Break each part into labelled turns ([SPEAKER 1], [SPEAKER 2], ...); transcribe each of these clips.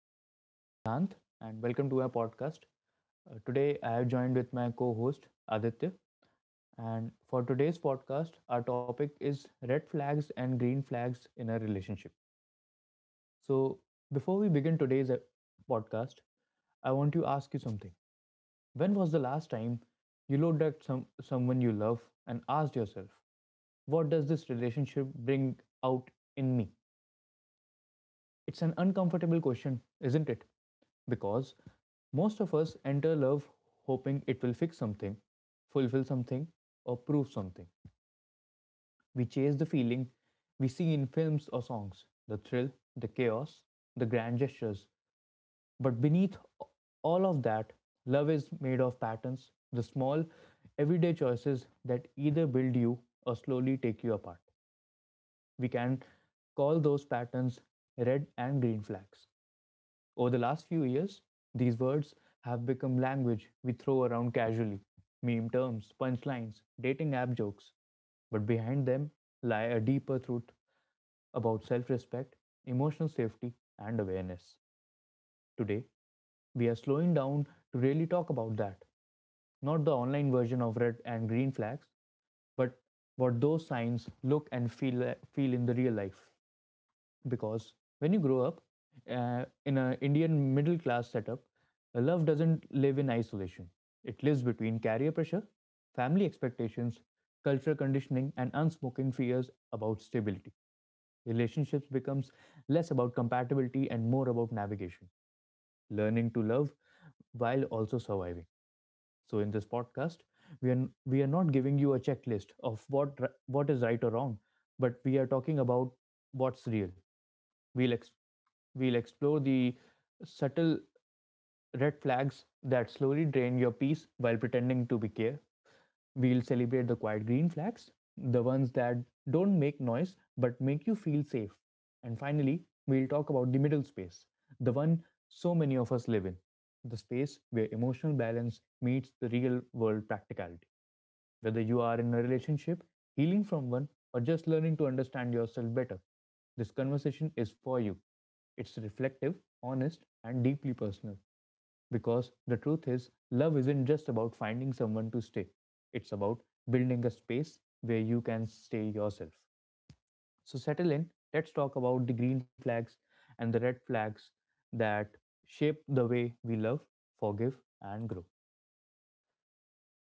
[SPEAKER 1] this is your host, Siddhant, and welcome to our podcast. Today, I have joined with my co host, Aditya. And for today's podcast, our topic is red flags and green flags in a relationship. So, before we begin today's podcast, I want to ask you something. When was the last time you looked at someone you love and asked yourself, what does this relationship bring out in me? It's an uncomfortable question, isn't it? Because most of us enter love hoping it will fix something, fulfill something, or prove something. We chase the feeling we see in films or songs, the thrill, the chaos, the grand gestures. But beneath all of that, love is made of patterns, the small, everyday choices that either build you or slowly take you apart. We can call those patterns red and green flags. Over the last few years, these words have become language we throw around casually, meme terms, punchlines, dating app jokes. But behind them lie a deeper truth about self respect, emotional safety, and awareness. Today, we are slowing down to really talk about that. Not the online version of red and green flags, but what those signs look and feel in the real life, because when you grow up in an Indian middle class setup, love doesn't live in isolation. It lives between career pressure, family expectations, cultural conditioning, and unspoken fears about stability. Relationships becomes less about compatibility and more about navigation, learning to love while also surviving. So in this podcast, we are not giving you a checklist of what is right or wrong, but we are talking about what's real. We'll ex- we'll explore the subtle red flags that slowly drain your peace while pretending to be care. We'll celebrate the quiet green flags, the ones that don't make noise but make you feel safe. And finally, we'll talk about the middle space, the one so many of us live in, the space where emotional balance meets the real world practicality. Whether you are in a relationship, healing from one, or just learning to understand yourself better, this conversation is for you. It's reflective, honest, and deeply personal. Because the truth is, love isn't just about finding someone to stay, it's about building a space where you can stay yourself. So, settle in. Let's talk about the green flags and the red flags that shape the way we love, forgive, and grow.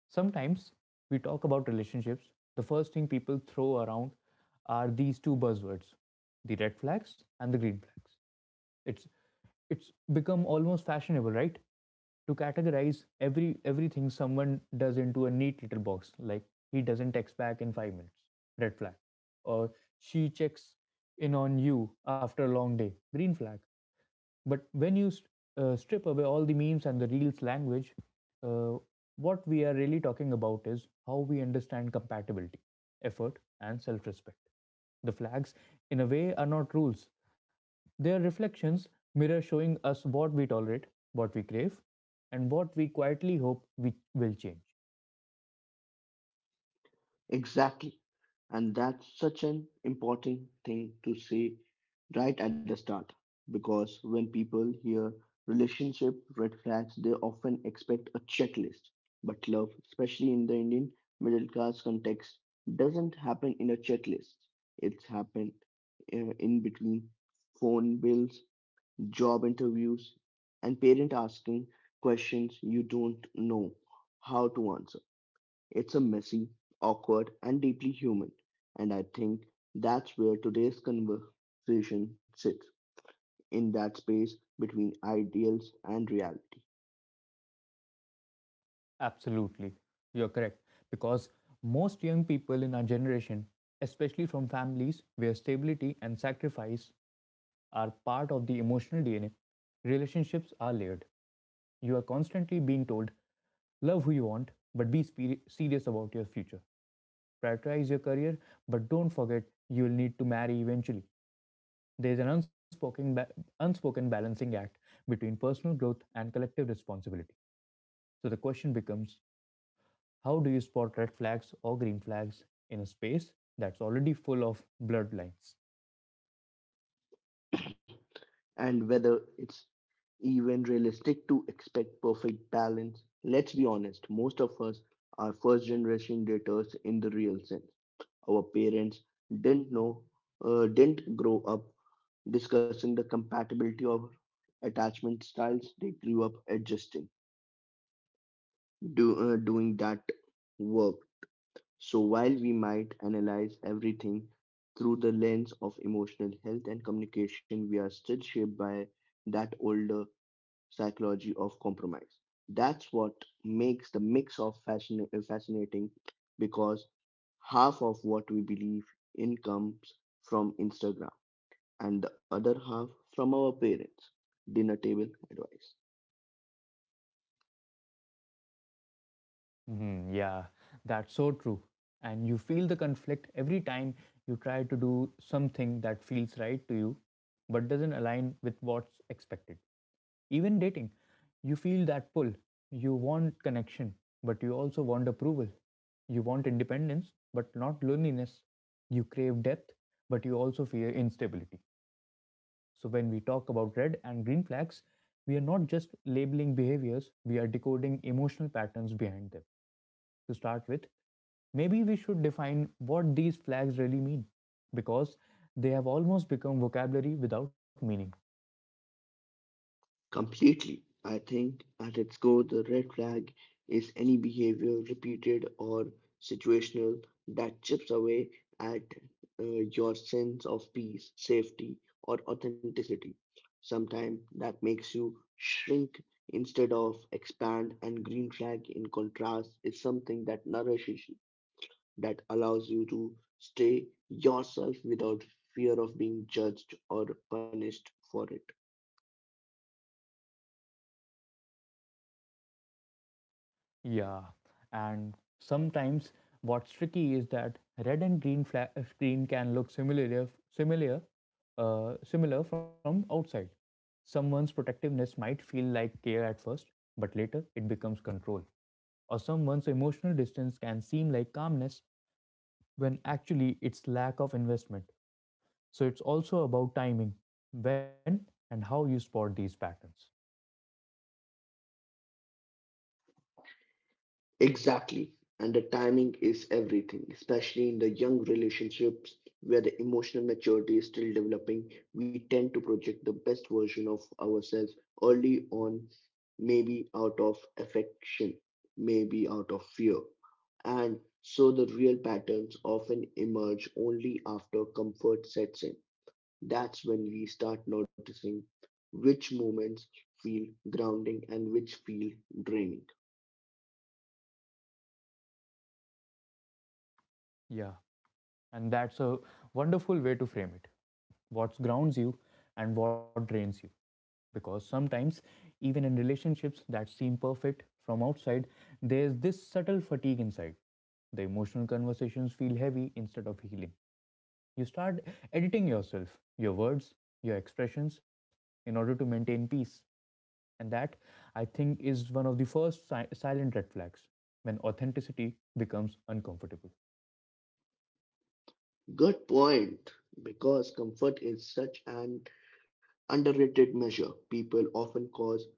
[SPEAKER 1] Sometimes we talk about relationships. The first thing people throw around are these two buzzwords, the red flags and the green flags. It's it's become almost fashionable, right, to categorize everything someone does into a neat little box, like he doesn't text back in 5 minutes, red flag, or she checks in on you after a long day, green flag. But when you strip away all the memes and the reels language, uh, what we are really talking about is how we understand compatibility, effort, and self respect. The flags, in a way, are not rules, they are reflections, mirror showing us what we tolerate, what we crave, and what we quietly hope we will change.
[SPEAKER 2] Exactly. And that's such an important thing to say right at the start, because when people hear relationship red flags, they often expect a checklist. But love, especially in the Indian middle class context, doesn't happen in a checklist. It's happened in between phone bills, job interviews, and parent asking questions you don't know how to answer. It's a messy, awkward, and deeply human. And I think that's where today's conversation sits, in that space between ideals and reality.
[SPEAKER 1] Absolutely. You're correct. Because most young people in our generation, especially from families where stability and sacrifice are part of the emotional DNA, relationships are layered. You are constantly being told, love who you want, but serious about your future. Prioritize your career, but don't forget you'll need to marry eventually. There's an unspoken, ba- unspoken balancing act between personal growth and collective responsibility. So the question becomes, how do you spot red flags or green flags in a space that's already full of blurred lines?
[SPEAKER 2] And whether it's even realistic to expect perfect balance, let's be honest, most of us are first generation daters in the real sense. Our parents didn't know, didn't grow up discussing the compatibility of attachment styles. They grew up adjusting. Doing that work. So while we might analyze everything through the lens of emotional health and communication, we are still shaped by that older psychology of compromise. That's what makes the mix of fascinating, because half of what we believe in comes from Instagram and the other half from our parents. Dinner table advice.
[SPEAKER 1] Mhm, yeah, that's so true. And you feel the conflict every time you try to do something that feels right to you but doesn't align with what's expected. Even dating, you feel that pull. You want connection, but you also want approval. You want independence, but not loneliness. You crave depth, but you also fear instability. So, when we talk about red and green flags, we are not just labeling behaviors, we are decoding emotional patterns behind them. To start with, maybe we should define what these flags really mean because they have almost become vocabulary without meaning.
[SPEAKER 2] Completely. I think at its core, the red flag is any behavior, repeated or situational, that chips away at your sense of peace, safety, or authenticity. Sometimes that makes you shrink instead of expand, and green flag, in contrast, is something that nourishes you, that allows you to stay yourself without fear of being judged or punished for it.
[SPEAKER 1] Yeah, and sometimes what's tricky is that red and green flag green can look similar from outside. Someone's protectiveness might feel like care at first, but later it becomes control, or someone's emotional distance can seem like calmness when actually it's lack of investment. So it's also about timing, when and how you spot these patterns.
[SPEAKER 2] Exactly. And the timing is everything, especially in the young relationships where the emotional maturity is still developing. We tend to project the best version of ourselves early on, maybe out of affection, maybe out of fear. And so the real patterns often emerge only after comfort sets in. That's when we start noticing which moments feel grounding and which feel draining.
[SPEAKER 1] Yeah, and that's a wonderful way to frame it. What grounds you and what drains you. Because sometimes, even in relationships that seem perfect from outside, there's this subtle fatigue inside. The emotional conversations feel heavy instead of healing. You start editing yourself, your words, your expressions, in order to maintain peace. And that, I think, is one of the first silent red flags, when authenticity becomes uncomfortable.
[SPEAKER 2] Good point, because comfort is such an underrated measure. People often cause,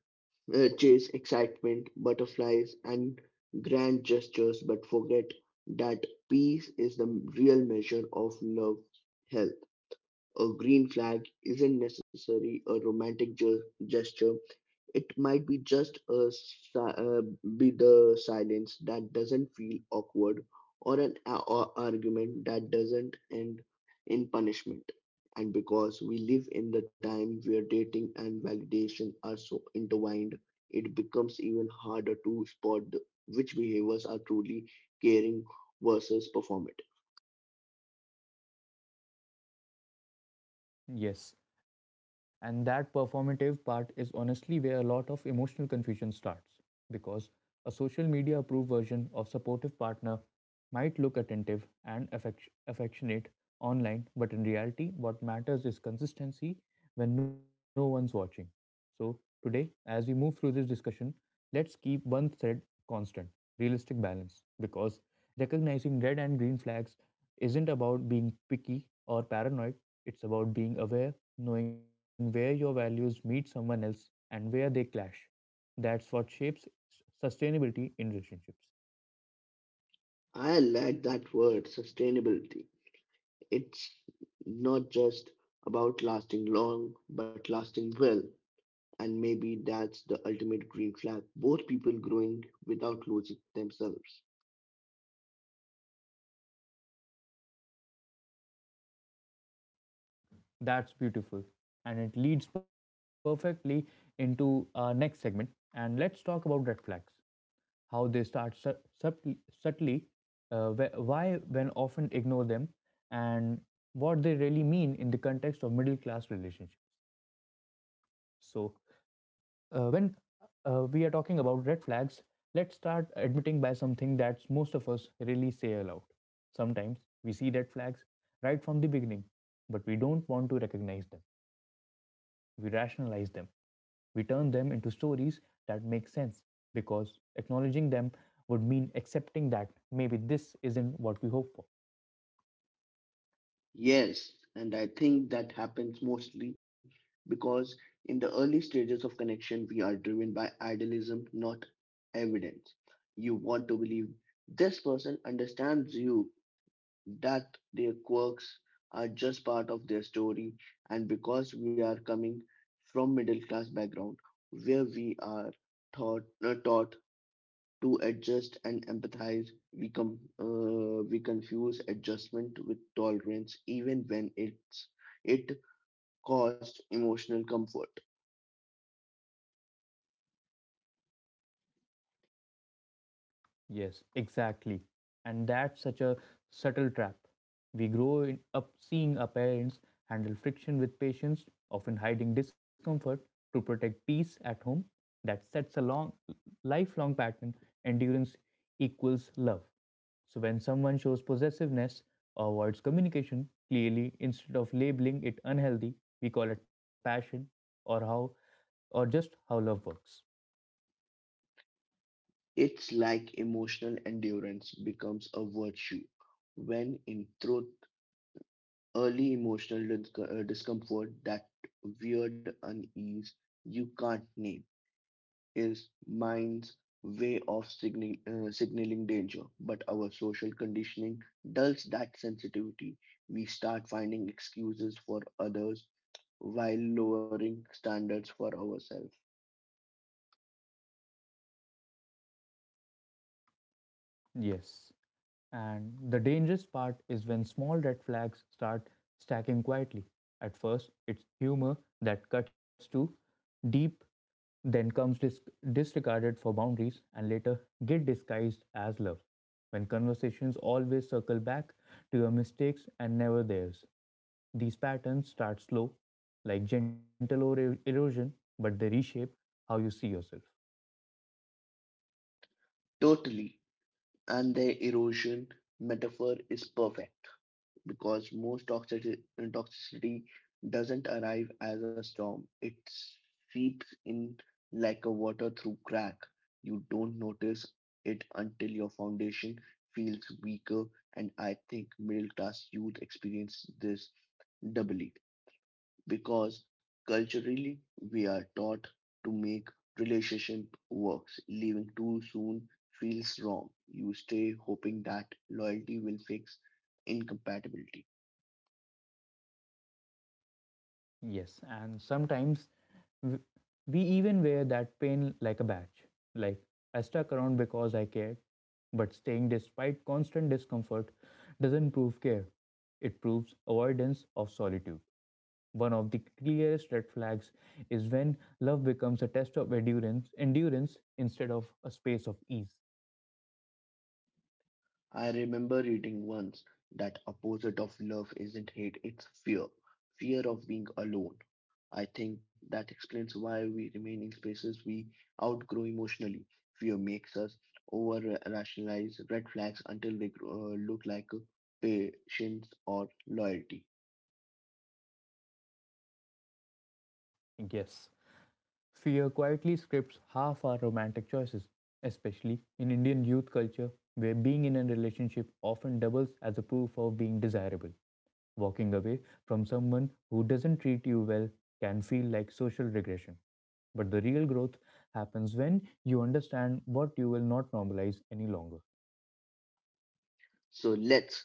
[SPEAKER 2] uh, chase excitement, butterflies, and grand gestures, but forget that peace is the real measure of love health. A green flag isn't necessarily a romantic gesture, it might be just be the silence that doesn't feel awkward, or an a- or argument that doesn't end in punishment. And because we live in the time where dating and validation are so intertwined, it becomes even harder to spot which behaviors are truly caring versus performative.
[SPEAKER 1] Yes, and that performative part is honestly where a lot of emotional confusion starts because a social media approved version of supportive partner might look attentive and affectionate online, but in reality, what matters is consistency when no one's watching. So, today, as we move through this discussion, let's keep one thread constant, realistic balance. Because recognizing red and green flags isn't about being picky or paranoid, it's about being aware, knowing where your values meet someone else and where they clash. That's what shapes sustainability in relationships.
[SPEAKER 2] I like that word, sustainability. It's not just about lasting long, but lasting well. And maybe that's the ultimate green flag, both people growing without losing themselves.
[SPEAKER 1] That's beautiful. And it leads perfectly into our next segment. And let's talk about red flags, how they start subtly, subtly wh- why when often ignore them, and what they really mean in the context of middle class relationships. So, when we are talking about red flags, let's start admitting by something that most of us really say aloud. Sometimes we see red flags right from the beginning, but we don't want to recognize them. We rationalize them, we turn them into stories that make sense because acknowledging them would mean accepting that maybe this isn't what we hope for.
[SPEAKER 2] Yes, and I think that happens mostly because in the early stages of connection, we are driven by idealism, not evidence. You want to believe this person understands you, that their quirks are just part of their story, and because we are coming from middle class background where we are taught to adjust and empathize. We confuse adjustment with tolerance, even when it costs emotional comfort.
[SPEAKER 1] Yes, exactly. And that's such a subtle trap. We grow up seeing our parents handle friction with patience, often hiding discomfort to protect peace at home. That sets a long, lifelong pattern, endurance equals love. So when someone shows possessiveness or avoids communication clearly instead of labeling it unhealthy, we call it passion, or how or just how love works.
[SPEAKER 2] It's like emotional endurance becomes a virtue when, in truth, early emotional discomfort, that weird unease you can't name, is mind's way of signaling danger, but our social conditioning dulls that sensitivity. We start finding excuses for others while lowering standards for ourselves.
[SPEAKER 1] Yes. And the dangerous part is when small red flags start stacking quietly. At first, it's humor that cuts too deep, then comes disregarded for boundaries, and later guilt disguised as love. When conversations always circle back to your mistakes and never theirs, these patterns start slow, like gentle or erosion, but they reshape how you see yourself.
[SPEAKER 2] Totally. And the erosion metaphor is perfect, because most toxicity doesn't arrive as a storm. It seeps in like a water through crack. You don't notice it until your foundation feels weaker, and I think middle class youth experience this doubly because culturally we are taught to make relationship works. Leaving too soon feels wrong. You stay hoping that loyalty will fix incompatibility.
[SPEAKER 1] Yes, and sometimes w- we even wear that pain like a badge. Like, I stuck around because I cared, but staying despite constant discomfort doesn't prove care. It proves avoidance of solitude. One of the clearest red flags is when love becomes a test of endurance instead of a space of ease.
[SPEAKER 2] I remember reading once that opposite of love isn't hate, it's fear. Fear of being alone. I think that explains why we remain in spaces we outgrow emotionally. Fear makes us over rationalize red flags until they grow, look like patience or loyalty.
[SPEAKER 1] Yes. Fear quietly scripts half our romantic choices, especially in Indian youth culture, where being in a relationship often doubles as a proof of being desirable. Walking away from someone who doesn't treat you well can feel like social regression. But the real growth happens when you understand what you will not normalize any longer.
[SPEAKER 2] So let's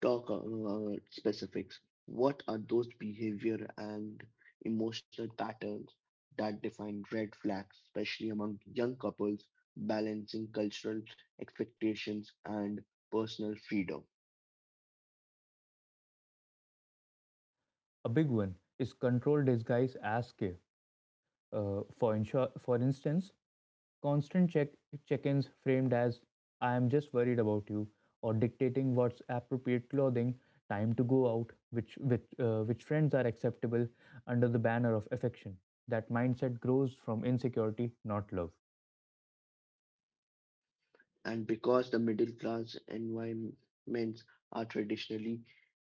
[SPEAKER 2] talk about specifics. What are those behavior and emotional patterns that define red flags, especially among young couples balancing cultural expectations and personal freedom?
[SPEAKER 1] A big one is control disguised as care. Uh, for, for instance, constant check ins framed as I am just worried about you, or dictating what's appropriate clothing, time to go out, which friends are acceptable under the banner of affection. That mindset grows from insecurity, not love.
[SPEAKER 2] And because the middle class environments are traditionally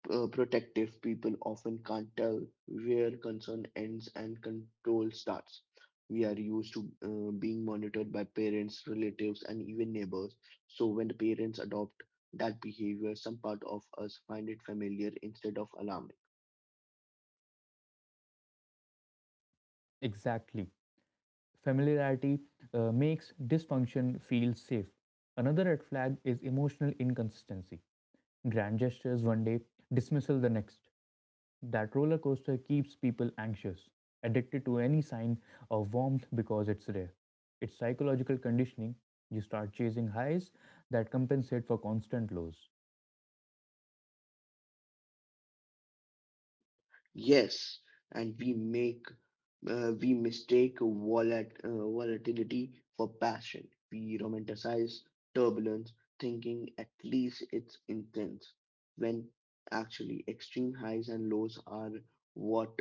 [SPEAKER 2] protective, people often can't tell where concern ends and control starts. We are used to being monitored by parents, relatives, and even neighbors. So when the parents adopt that behavior, some part of us find it familiar instead of alarming.
[SPEAKER 1] Exactly. Familiarity makes dysfunction feel safe. Another red flag is emotional inconsistency. Grand gestures one day, dismissal the next. That roller coaster keeps people anxious, addicted to any sign of warmth because it's rare. It's psychological conditioning. You start chasing highs that compensate for constant lows.
[SPEAKER 2] Yes, and we mistake volatility for passion. We romanticize turbulence, thinking at least it's intense, when actually extreme highs and lows are what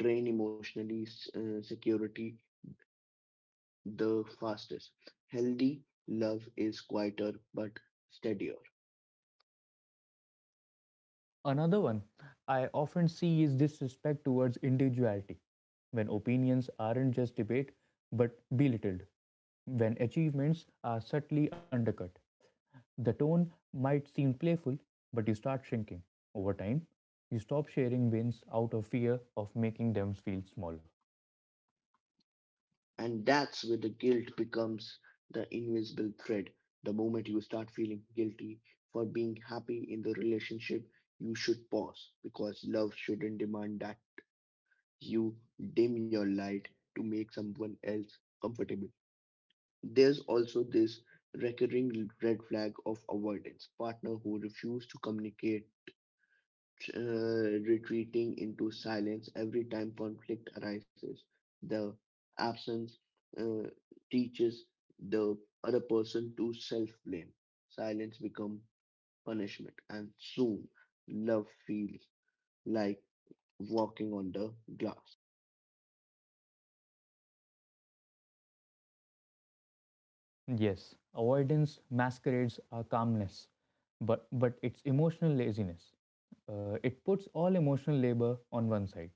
[SPEAKER 2] drain emotionally security the fastest. Healthy love is quieter but steadier.
[SPEAKER 1] Another one I often see is disrespect towards individuality, when opinions aren't just debate but belittled, when achievements are subtly undercut. The tone might seem playful, but you start shrinking. Over time, you stop sharing wins out of fear of making them feel small.
[SPEAKER 2] And that's where the guilt becomes the invisible thread. The moment you start feeling guilty for being happy in the relationship, you should pause, because love shouldn't demand that you dim your light to make someone else comfortable. There's also this recurring red flag of avoidance, partner who refuse to communicate, retreating into silence every time conflict arises. The absence uh, teaches the other person to self blame. Silence becomes punishment, and soon love feels like walking on the glass.
[SPEAKER 1] Yes, avoidance masquerades as calmness, but it's emotional laziness. It puts all emotional labor on one side.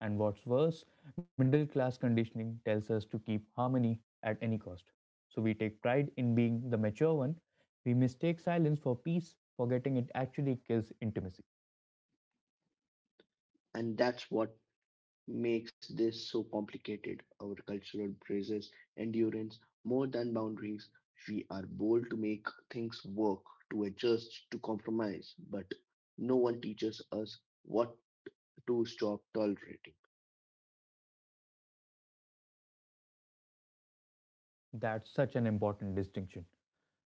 [SPEAKER 1] And what's worse, middle class conditioning tells us to keep harmony at any cost. So we take pride in being the mature one. We mistake silence for peace, forgetting it actually kills intimacy.
[SPEAKER 2] And that's what makes this so complicated. Our cultural braces endurance more than boundaries. We are bold to make things work, to adjust, to compromise, but no one teaches us what to stop tolerating.
[SPEAKER 1] That's such an important distinction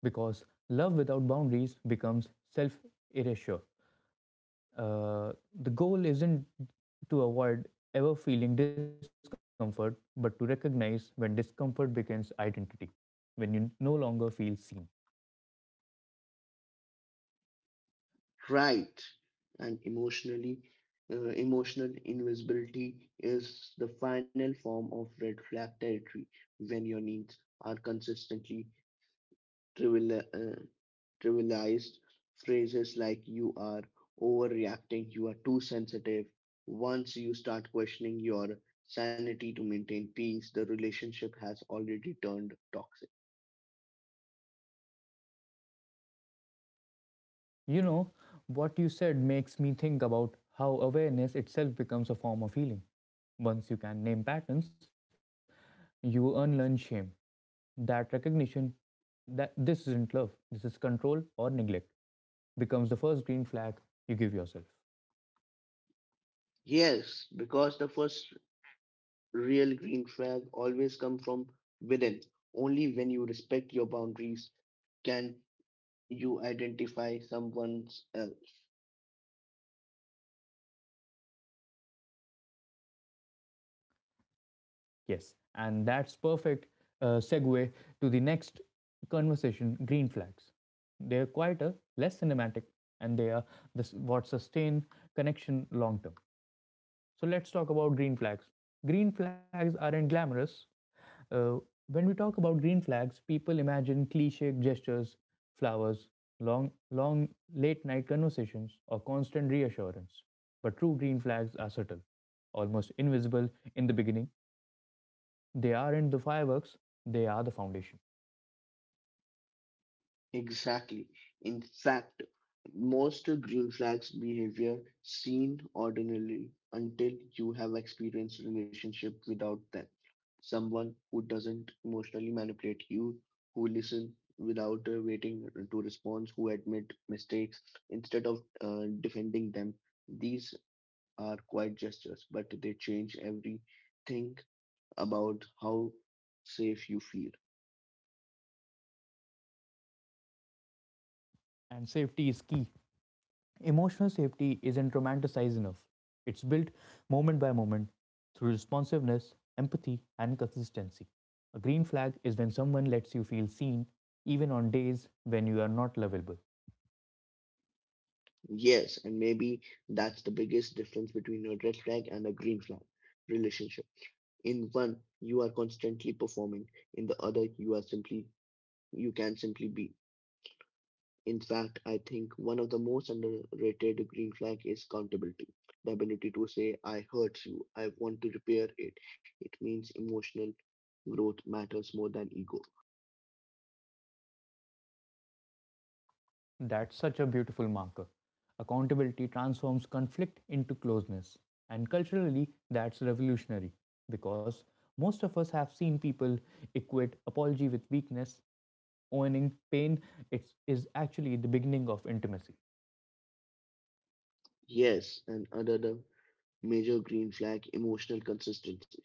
[SPEAKER 1] because love without boundaries becomes self erasure. The goal isn't to avoid ever feeling discomfort, but to recognize when discomfort becomes identity, when you no longer feel seen.
[SPEAKER 2] Right. And emotionally, emotional invisibility is the final form of red flag territory, when your needs are consistently trivial, uh, trivialized, phrases like you are overreacting, you are too sensitive. Once you start questioning your sanity to maintain peace, the relationship has already turned toxic.
[SPEAKER 1] You know, what you said makes me think about how awareness itself becomes a form of healing. Once you can name patterns, you unlearn shame. That recognition that this isn't love, this is control or neglect becomes the first green flag you give yourself.
[SPEAKER 2] Yes, because the first real green flag always come from within. Only when you respect your boundaries can you identify someone.
[SPEAKER 1] Yes, and that's perfect segue to the next conversation, green flags. They're quieter, less cinematic, and they are this, what sustain connection long term. So let's talk about green flags. Green flags aren't glamorous. Uh, when we talk about green flags, people imagine cliche gestures, flowers, long, long late night conversations, or constant reassurance. But true green flags are subtle, almost invisible in the beginning. They aren't the fireworks, they are the foundation.
[SPEAKER 2] Exactly. In fact, most green flags behavior seem ordinary until you have experienced relationship without them. Someone who doesn't emotionally manipulate you, who listen without waiting to respond, who admit mistakes instead of defending them. These are quiet gestures, but they change everything about how safe you feel.
[SPEAKER 1] And safety is key. Emotional safety isn't romanticized enough. It's built moment by moment through responsiveness, empathy, and consistency. A green flag is when someone lets you feel seen, even on days when you are not lovable.
[SPEAKER 2] Yes, and maybe that's the biggest difference between a red flag and a green flag relationship. In one, you are constantly performing. In the other, you can simply be. In fact, I think one of the most underrated green flag is accountability. The ability to say, I hurt you, I want to repair it. It means emotional growth matters more than ego.
[SPEAKER 1] That's such a beautiful marker. Accountability transforms conflict into closeness. And culturally, that's revolutionary because most of us have seen people equate apology with weakness, owning pain is actually the beginning of intimacy.
[SPEAKER 2] Yes, and another major green flag, emotional consistency,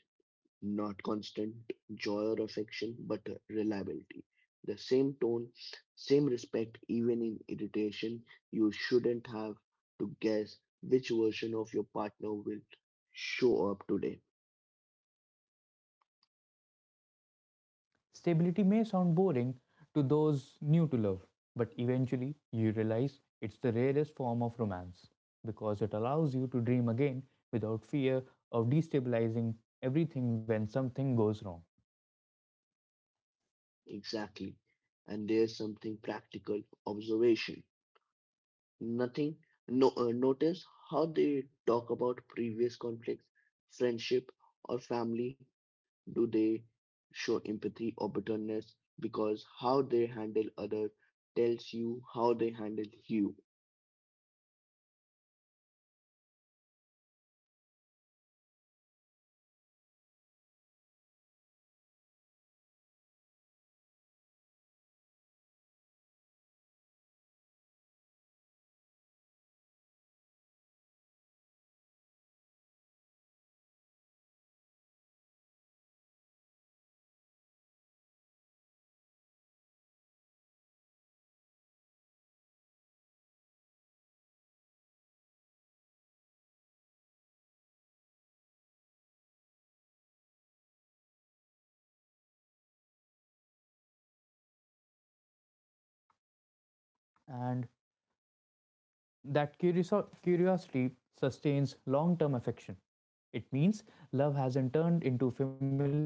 [SPEAKER 2] not constant joy or affection, but reliability. The same tone, same respect, even in irritation. You shouldn't have to guess which version of your partner will show up today.
[SPEAKER 1] Stability may sound boring to those new to love, but eventually you realize it's the rarest form of romance because it allows you to dream again without fear of destabilizing everything when something goes wrong.
[SPEAKER 2] Exactly. And there's something practical observation. Nothing. No, Notice how they talk about previous conflicts, friendship, or family. Do they show empathy or bitterness? Because how they handle other tells you how they handle you.
[SPEAKER 1] And that curiosity sustains long term affection. It means love hasn't turned into familiarity,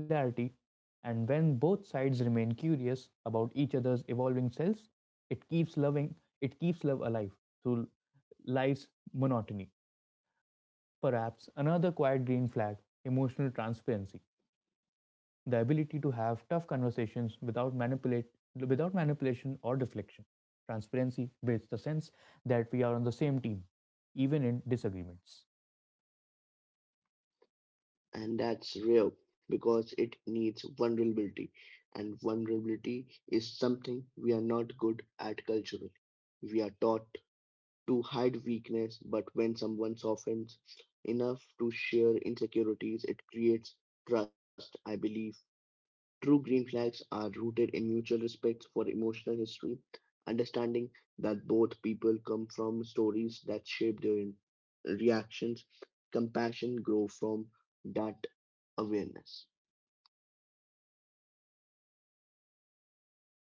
[SPEAKER 1] and when both sides remain curious about each other's evolving selves, it keeps loving, it keeps love alive through life's monotony. Perhaps another quiet green flag, emotional transparency, the ability to have tough conversations without manipulation or deflection. Transparency builds the sense that we are on the same team, even in disagreements,
[SPEAKER 2] And that's real because it needs vulnerability. And vulnerability is something we are not good at culturally. We are taught to hide weakness, but when someone softens enough to share insecurities, it creates trust, I believe. True green flags are rooted in mutual respect for emotional history, understanding that both people come from stories that shape their reactions. Compassion grow from that awareness.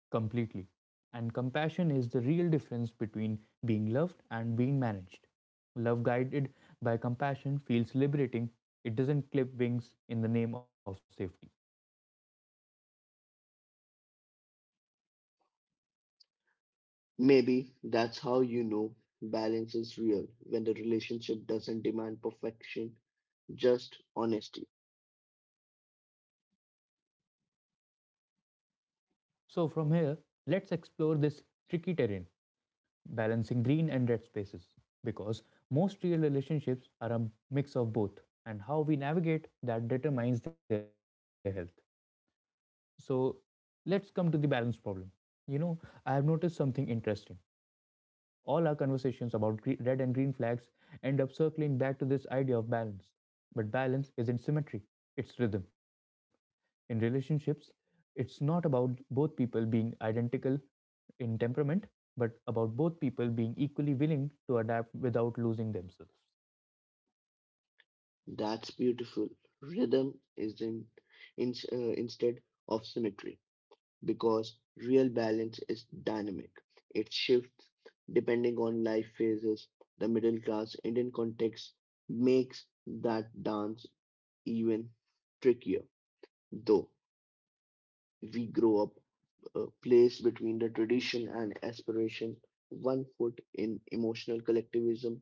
[SPEAKER 1] completely. And compassion is the real difference between being loved and being managed. Love guided by compassion feels liberating, it doesn't clip wings in the name of safety.
[SPEAKER 2] Maybe that's how you know balance is real, when the relationship doesn't demand perfection, just honesty.
[SPEAKER 1] So, from here, let's explore this tricky terrain, balancing green and red spaces, because most real relationships are a mix of both, and how we navigate that determines their health. So let's come to the balance problem. You know, I have noticed something interesting. All our conversations about red and green flags end up circling back to this idea of balance. But balance isn't symmetry, it's rhythm. In relationships, it's not about both people being identical in temperament, but about both people being equally willing to adapt without losing themselves.
[SPEAKER 2] That's beautiful. Rhythm is in instead of symmetry. Because real balance is dynamic. It shifts depending on life phases. The middle class Indian context makes that dance even trickier, though we grow up placed between the tradition and aspiration, one foot in emotional collectivism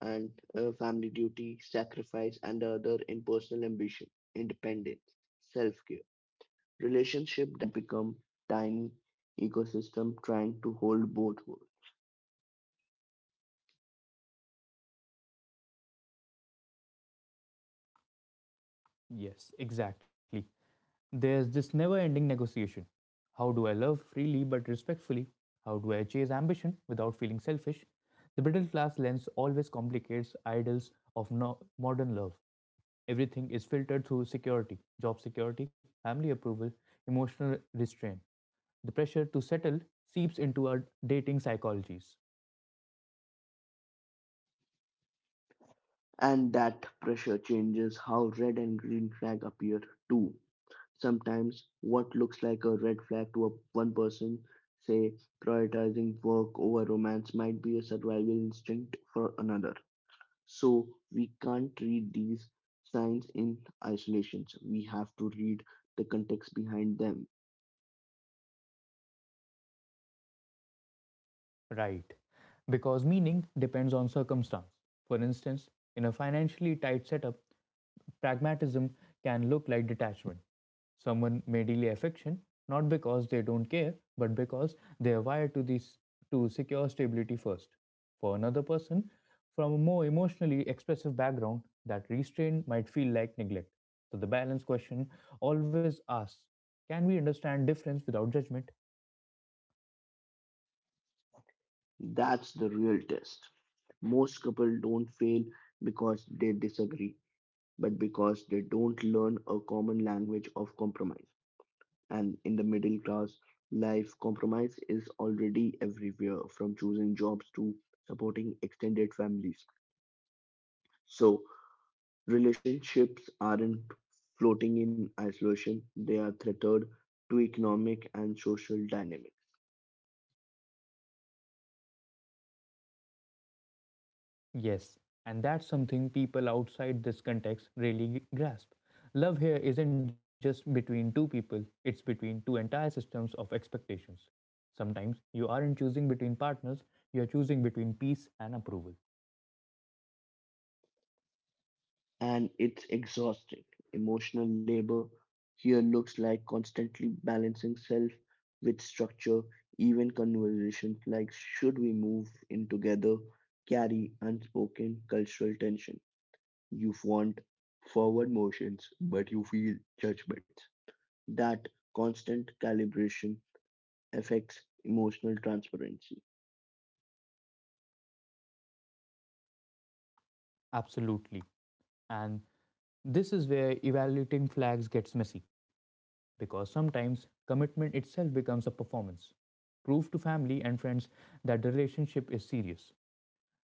[SPEAKER 2] and family duty, sacrifice, and the other in personal ambition, independence, self care. Relationship that become tiny ecosystem trying to hold both worlds.
[SPEAKER 1] Yes, exactly. There's this never ending negotiation. How do I love freely but respectfully? How do I chase ambition without feeling selfish? The middle class lens always complicates ideals of modern love. Everything is filtered through security, job security, family approval, emotional restraint. The pressure to settle seeps into our dating psychologies.
[SPEAKER 2] And that pressure changes how red and green flag appear too. Sometimes what looks like a red flag to a, one person, say prioritizing work over romance, might be a survival instinct for another. So we can't read these signs in isolation. We have to read the context behind them.
[SPEAKER 1] Right. Because meaning depends on circumstance. For instance, in a financially tight setup, pragmatism can look like detachment. Someone may delay affection not because they don't care, but because they are wired to secure stability first. For another person from a more emotionally expressive background, that restraint might feel like neglect. So the balance question always asks, can we understand difference without judgment?
[SPEAKER 2] That's the real test. Most couples don't fail because they disagree, but because they don't learn a common language of compromise. And in the middle class life, compromise is already everywhere, from choosing jobs to supporting extended families. So, relationships aren't floating in isolation, they are tethered to economic and social dynamics.
[SPEAKER 1] Yes, and that's something people outside this context really grasp. Love here isn't just between two people, it's between two entire systems of expectations. Sometimes you aren't choosing between partners, you're choosing between peace and approval.
[SPEAKER 2] And it's exhausting. Emotional labor here looks like constantly balancing self with structure, even conversations like should we move in together carry unspoken cultural tension. You want forward motions, but you feel judgments. That constant calibration affects emotional transparency.
[SPEAKER 1] Absolutely. And this is where evaluating flags gets messy, because sometimes commitment itself becomes a performance. Prove to family and friends that the relationship is serious.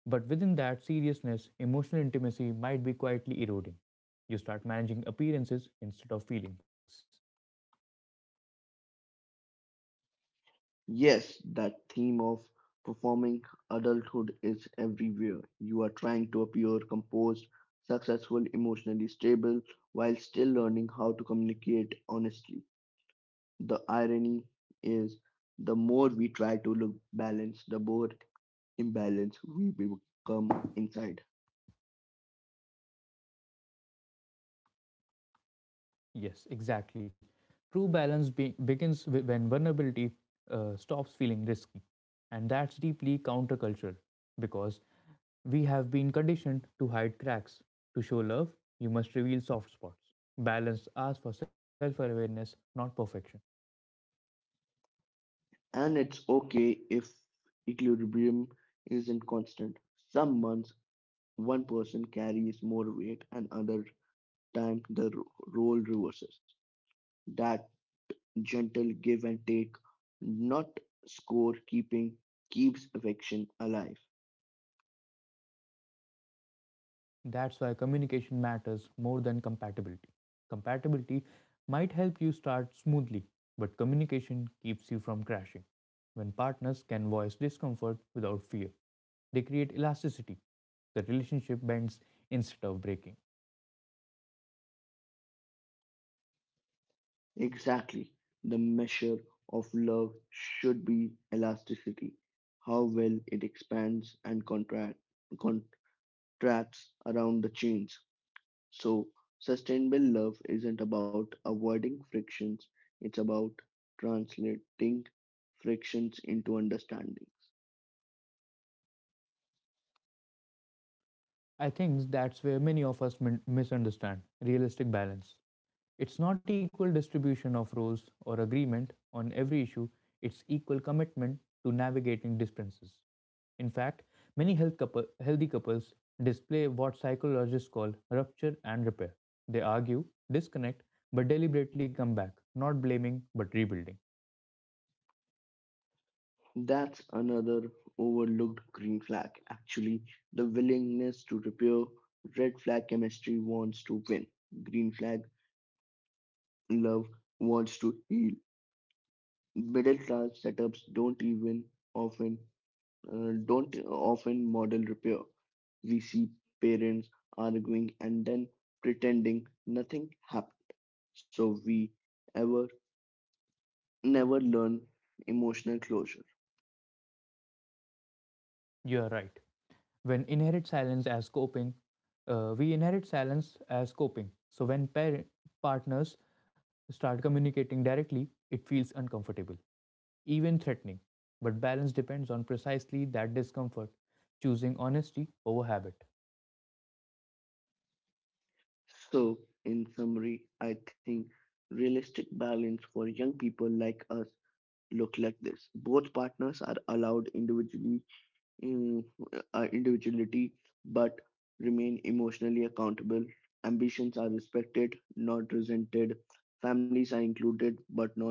[SPEAKER 1] But within that seriousness, emotional intimacy might be quietly eroding. You start managing appearances instead of feelings.
[SPEAKER 2] Yes, that theme of performing adulthood is everywhere. You are trying to appear composed, successful, emotionally stable, while still learning how to communicate honestly. The irony is the more we try to look balanced, the more imbalanced we become inside.
[SPEAKER 1] Yes, exactly. True balance begins when vulnerability stops feeling risky. And that's deeply countercultural because we have been conditioned to hide cracks. To show love, you must reveal soft spots. Balance asks for self awareness, not perfection.
[SPEAKER 2] And it's okay if equilibrium isn't constant. Some months, one person carries more weight, and other time the role reverses. That gentle give and take, not score keeping, keeps affection alive.
[SPEAKER 1] That's why communication matters more than compatibility. Compatibility might help you start smoothly, but communication keeps you from crashing. When partners can voice discomfort without fear, they create elasticity. The relationship bends instead of breaking.
[SPEAKER 2] Exactly. The measure of love should be elasticity, how well it expands and contracts around the chains. So, sustainable love isn't about avoiding frictions, it's about translating frictions into understanding.
[SPEAKER 1] I think that's where many of us misunderstand realistic balance. It's not equal distribution of roles or agreement on every issue, it's equal commitment to navigating differences. In fact, many healthy couples display what psychologists call rupture and repair. They argue, disconnect, but deliberately come back, not blaming but rebuilding.
[SPEAKER 2] That's another overlooked green flag. Actually, the willingness to repair. Red flag chemistry wants to win. Green flag love wants to heal. Middle class setups don't even often don't often model repair. We see parents arguing and then pretending nothing happened. So we ever never learn emotional closure.
[SPEAKER 1] You are right. When inherit silence as coping, We inherit silence as coping. So when partners start communicating directly, it feels uncomfortable, even threatening. But balance depends on precisely that discomfort, choosing honesty over habit.
[SPEAKER 2] So, in summary, I think realistic balance for young people like us look like this. Both partners are allowed mm, individuality, but remain emotionally accountable. Ambitions are respected, not resented. Families are included, but not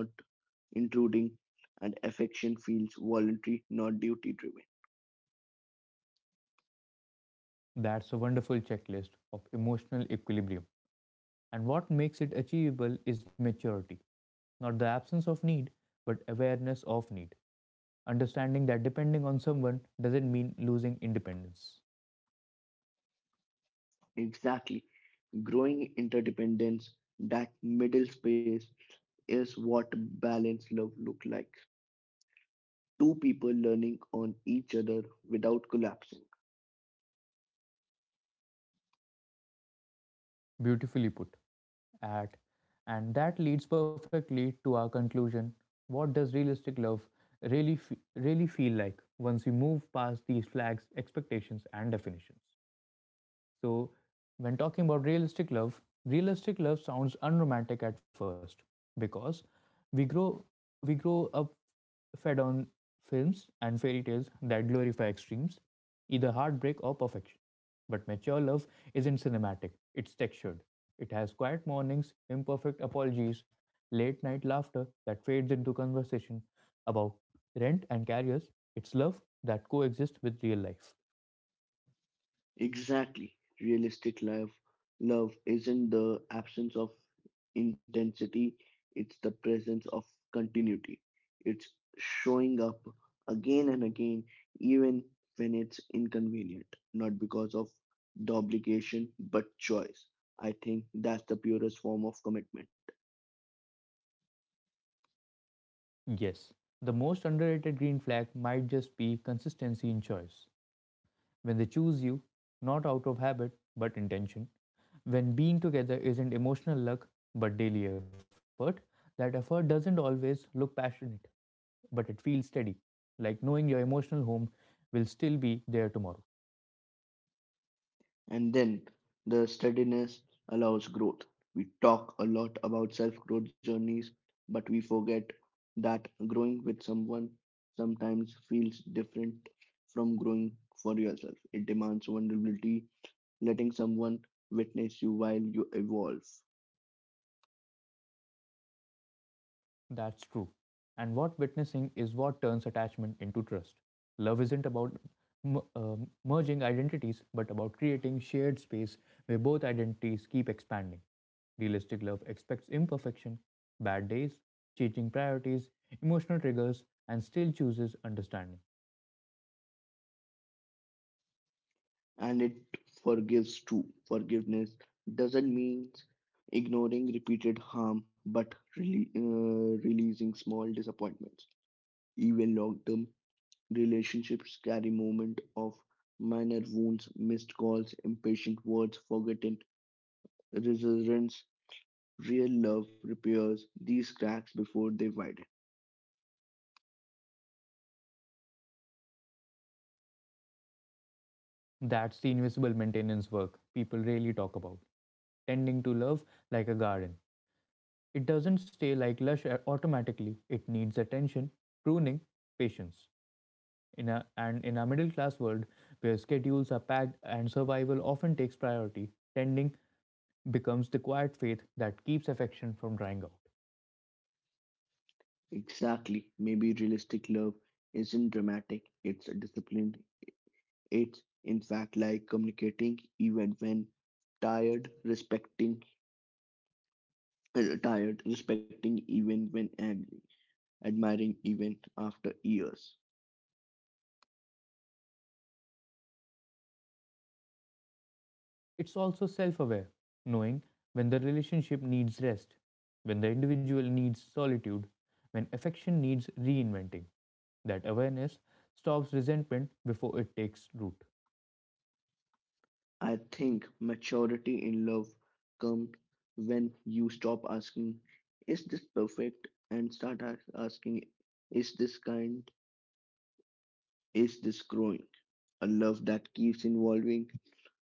[SPEAKER 2] intruding. And affection feels voluntary, not duty driven.
[SPEAKER 1] That's a wonderful checklist of emotional equilibrium. And what makes it achievable is maturity, not the absence of need, but awareness of need. Understanding that depending on someone doesn't mean losing independence.
[SPEAKER 2] Exactly. Growing interdependence, that middle space is what balanced love look like. Two people learning on each other without collapsing.
[SPEAKER 1] Beautifully put. At and that leads perfectly to our conclusion. What does realistic love really feel like once we move past these flags, expectations, and definitions? So, when talking about realistic love sounds unromantic at first because we grow we grow up fed on films and fairy tales that glorify extremes, either heartbreak or perfection. But mature love isn't cinematic, it's textured. It has quiet mornings, imperfect apologies, late night laughter that fades into conversation about rent and carriers. It's love that coexists with real life.
[SPEAKER 2] Exactly. Realistic life love isn't the absence of intensity, it's the presence of continuity. It's showing up again and again, even when it's inconvenient, not because of the obligation, but choice. I think that's the purest form of commitment.
[SPEAKER 1] Yes, the most underrated green flag might just be consistency in choice. When they choose you, not out of habit but intention, when being together isn't emotional luck but daily effort, that effort doesn't always look passionate but it feels steady, like knowing your emotional home will still be there tomorrow.
[SPEAKER 2] And then the steadiness allows growth. We talk a lot about self growth journeys, but we forget that growing with someone sometimes feels different from growing for yourself. It demands vulnerability, letting someone witness you while you evolve.
[SPEAKER 1] That's true. And what witnessing is what turns attachment into trust. Love isn't about merging identities, but about creating shared space where both identities keep expanding. Realistic love expects imperfection, bad days, changing priorities, emotional triggers, and still chooses understanding.
[SPEAKER 2] And it forgives too. Forgiveness doesn't mean ignoring repeated harm, but really, releasing small disappointments, even long term. Relationships carry moment of minor wounds, missed calls, impatient words, forgotten resilience. Real love repairs these cracks before they widen.
[SPEAKER 1] That's the invisible maintenance work people rarely talk about. Tending to love like a garden. It doesn't stay like lush automatically, it needs attention, pruning, patience. And in a middle class world where schedules are packed and survival often takes priority, tending becomes the quiet faith that keeps affection from drying out.
[SPEAKER 2] Exactly. Maybe realistic love isn't dramatic, it's disciplined. It's, in fact, like communicating even when tired, respecting even when angry, admiring even after years.
[SPEAKER 1] It's also self aware, knowing when the relationship needs rest, when the individual needs solitude, when affection needs reinventing. That awareness stops resentment before it takes root.
[SPEAKER 2] I think maturity in love comes when you stop asking, is this perfect? And start asking, is this kind? Is this growing? A love that keeps evolving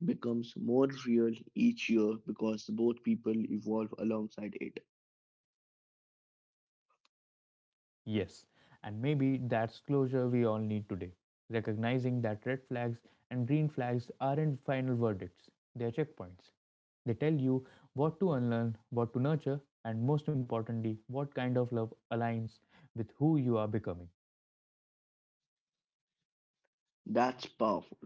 [SPEAKER 2] becomes more real each year because both people evolve alongside it.
[SPEAKER 1] Yes, and maybe that's closure we all need today. Recognizing that red flags and green flags aren't final verdicts, they're checkpoints. They tell you what to unlearn, what to nurture, and most importantly, what kind of love aligns with who you are becoming.
[SPEAKER 2] That's powerful,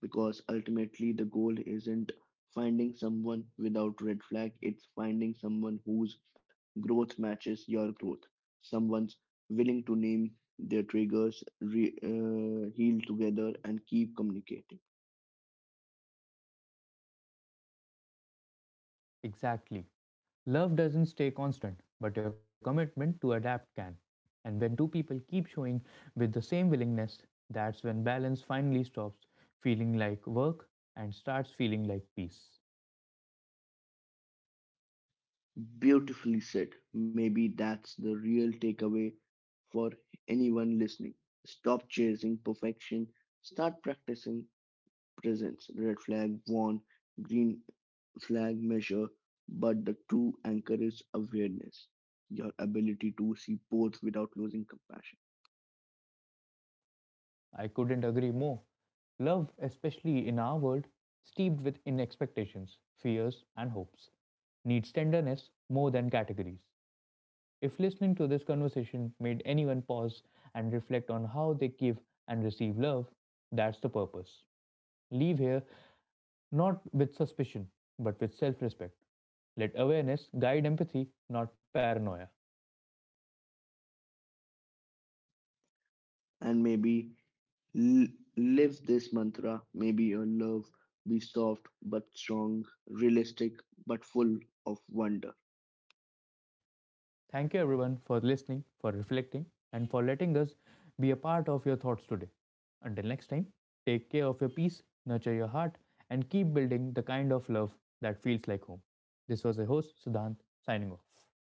[SPEAKER 2] because ultimately the goal isn't finding someone without red flag, it's finding someone whose growth matches your growth. Someone's willing to name their triggers, heal together, and keep communicating.
[SPEAKER 1] Exactly. Love doesn't stay constant, but your commitment to adapt can. And when two people keep showing with the same willingness, that's when balance finally stops feeling like work and starts feeling like peace.
[SPEAKER 2] Beautifully said. Maybe that's the real takeaway for anyone listening. Stop chasing perfection, start practicing presence. Red flag warn, green flag measure, but the true anchor is awareness, your ability to see both without losing compassion.
[SPEAKER 1] I couldn't agree more. Love, especially in our world, steeped with in expectations, fears, and hopes, needs tenderness more than categories. If listening to this conversation made anyone pause and reflect on how they give and receive love, that's the purpose. Leave here not with suspicion, but with self respect. Let awareness guide empathy, not paranoia.
[SPEAKER 2] And maybe l- live this mantra, maybe your love be soft but strong, realistic but full of wonder.
[SPEAKER 1] Thank you everyone for listening, for reflecting, and for letting us be a part of your thoughts today. Until next time, take care of your peace, nurture your heart, and keep building the kind of love that feels like home. This was your host, Siddhant, signing off.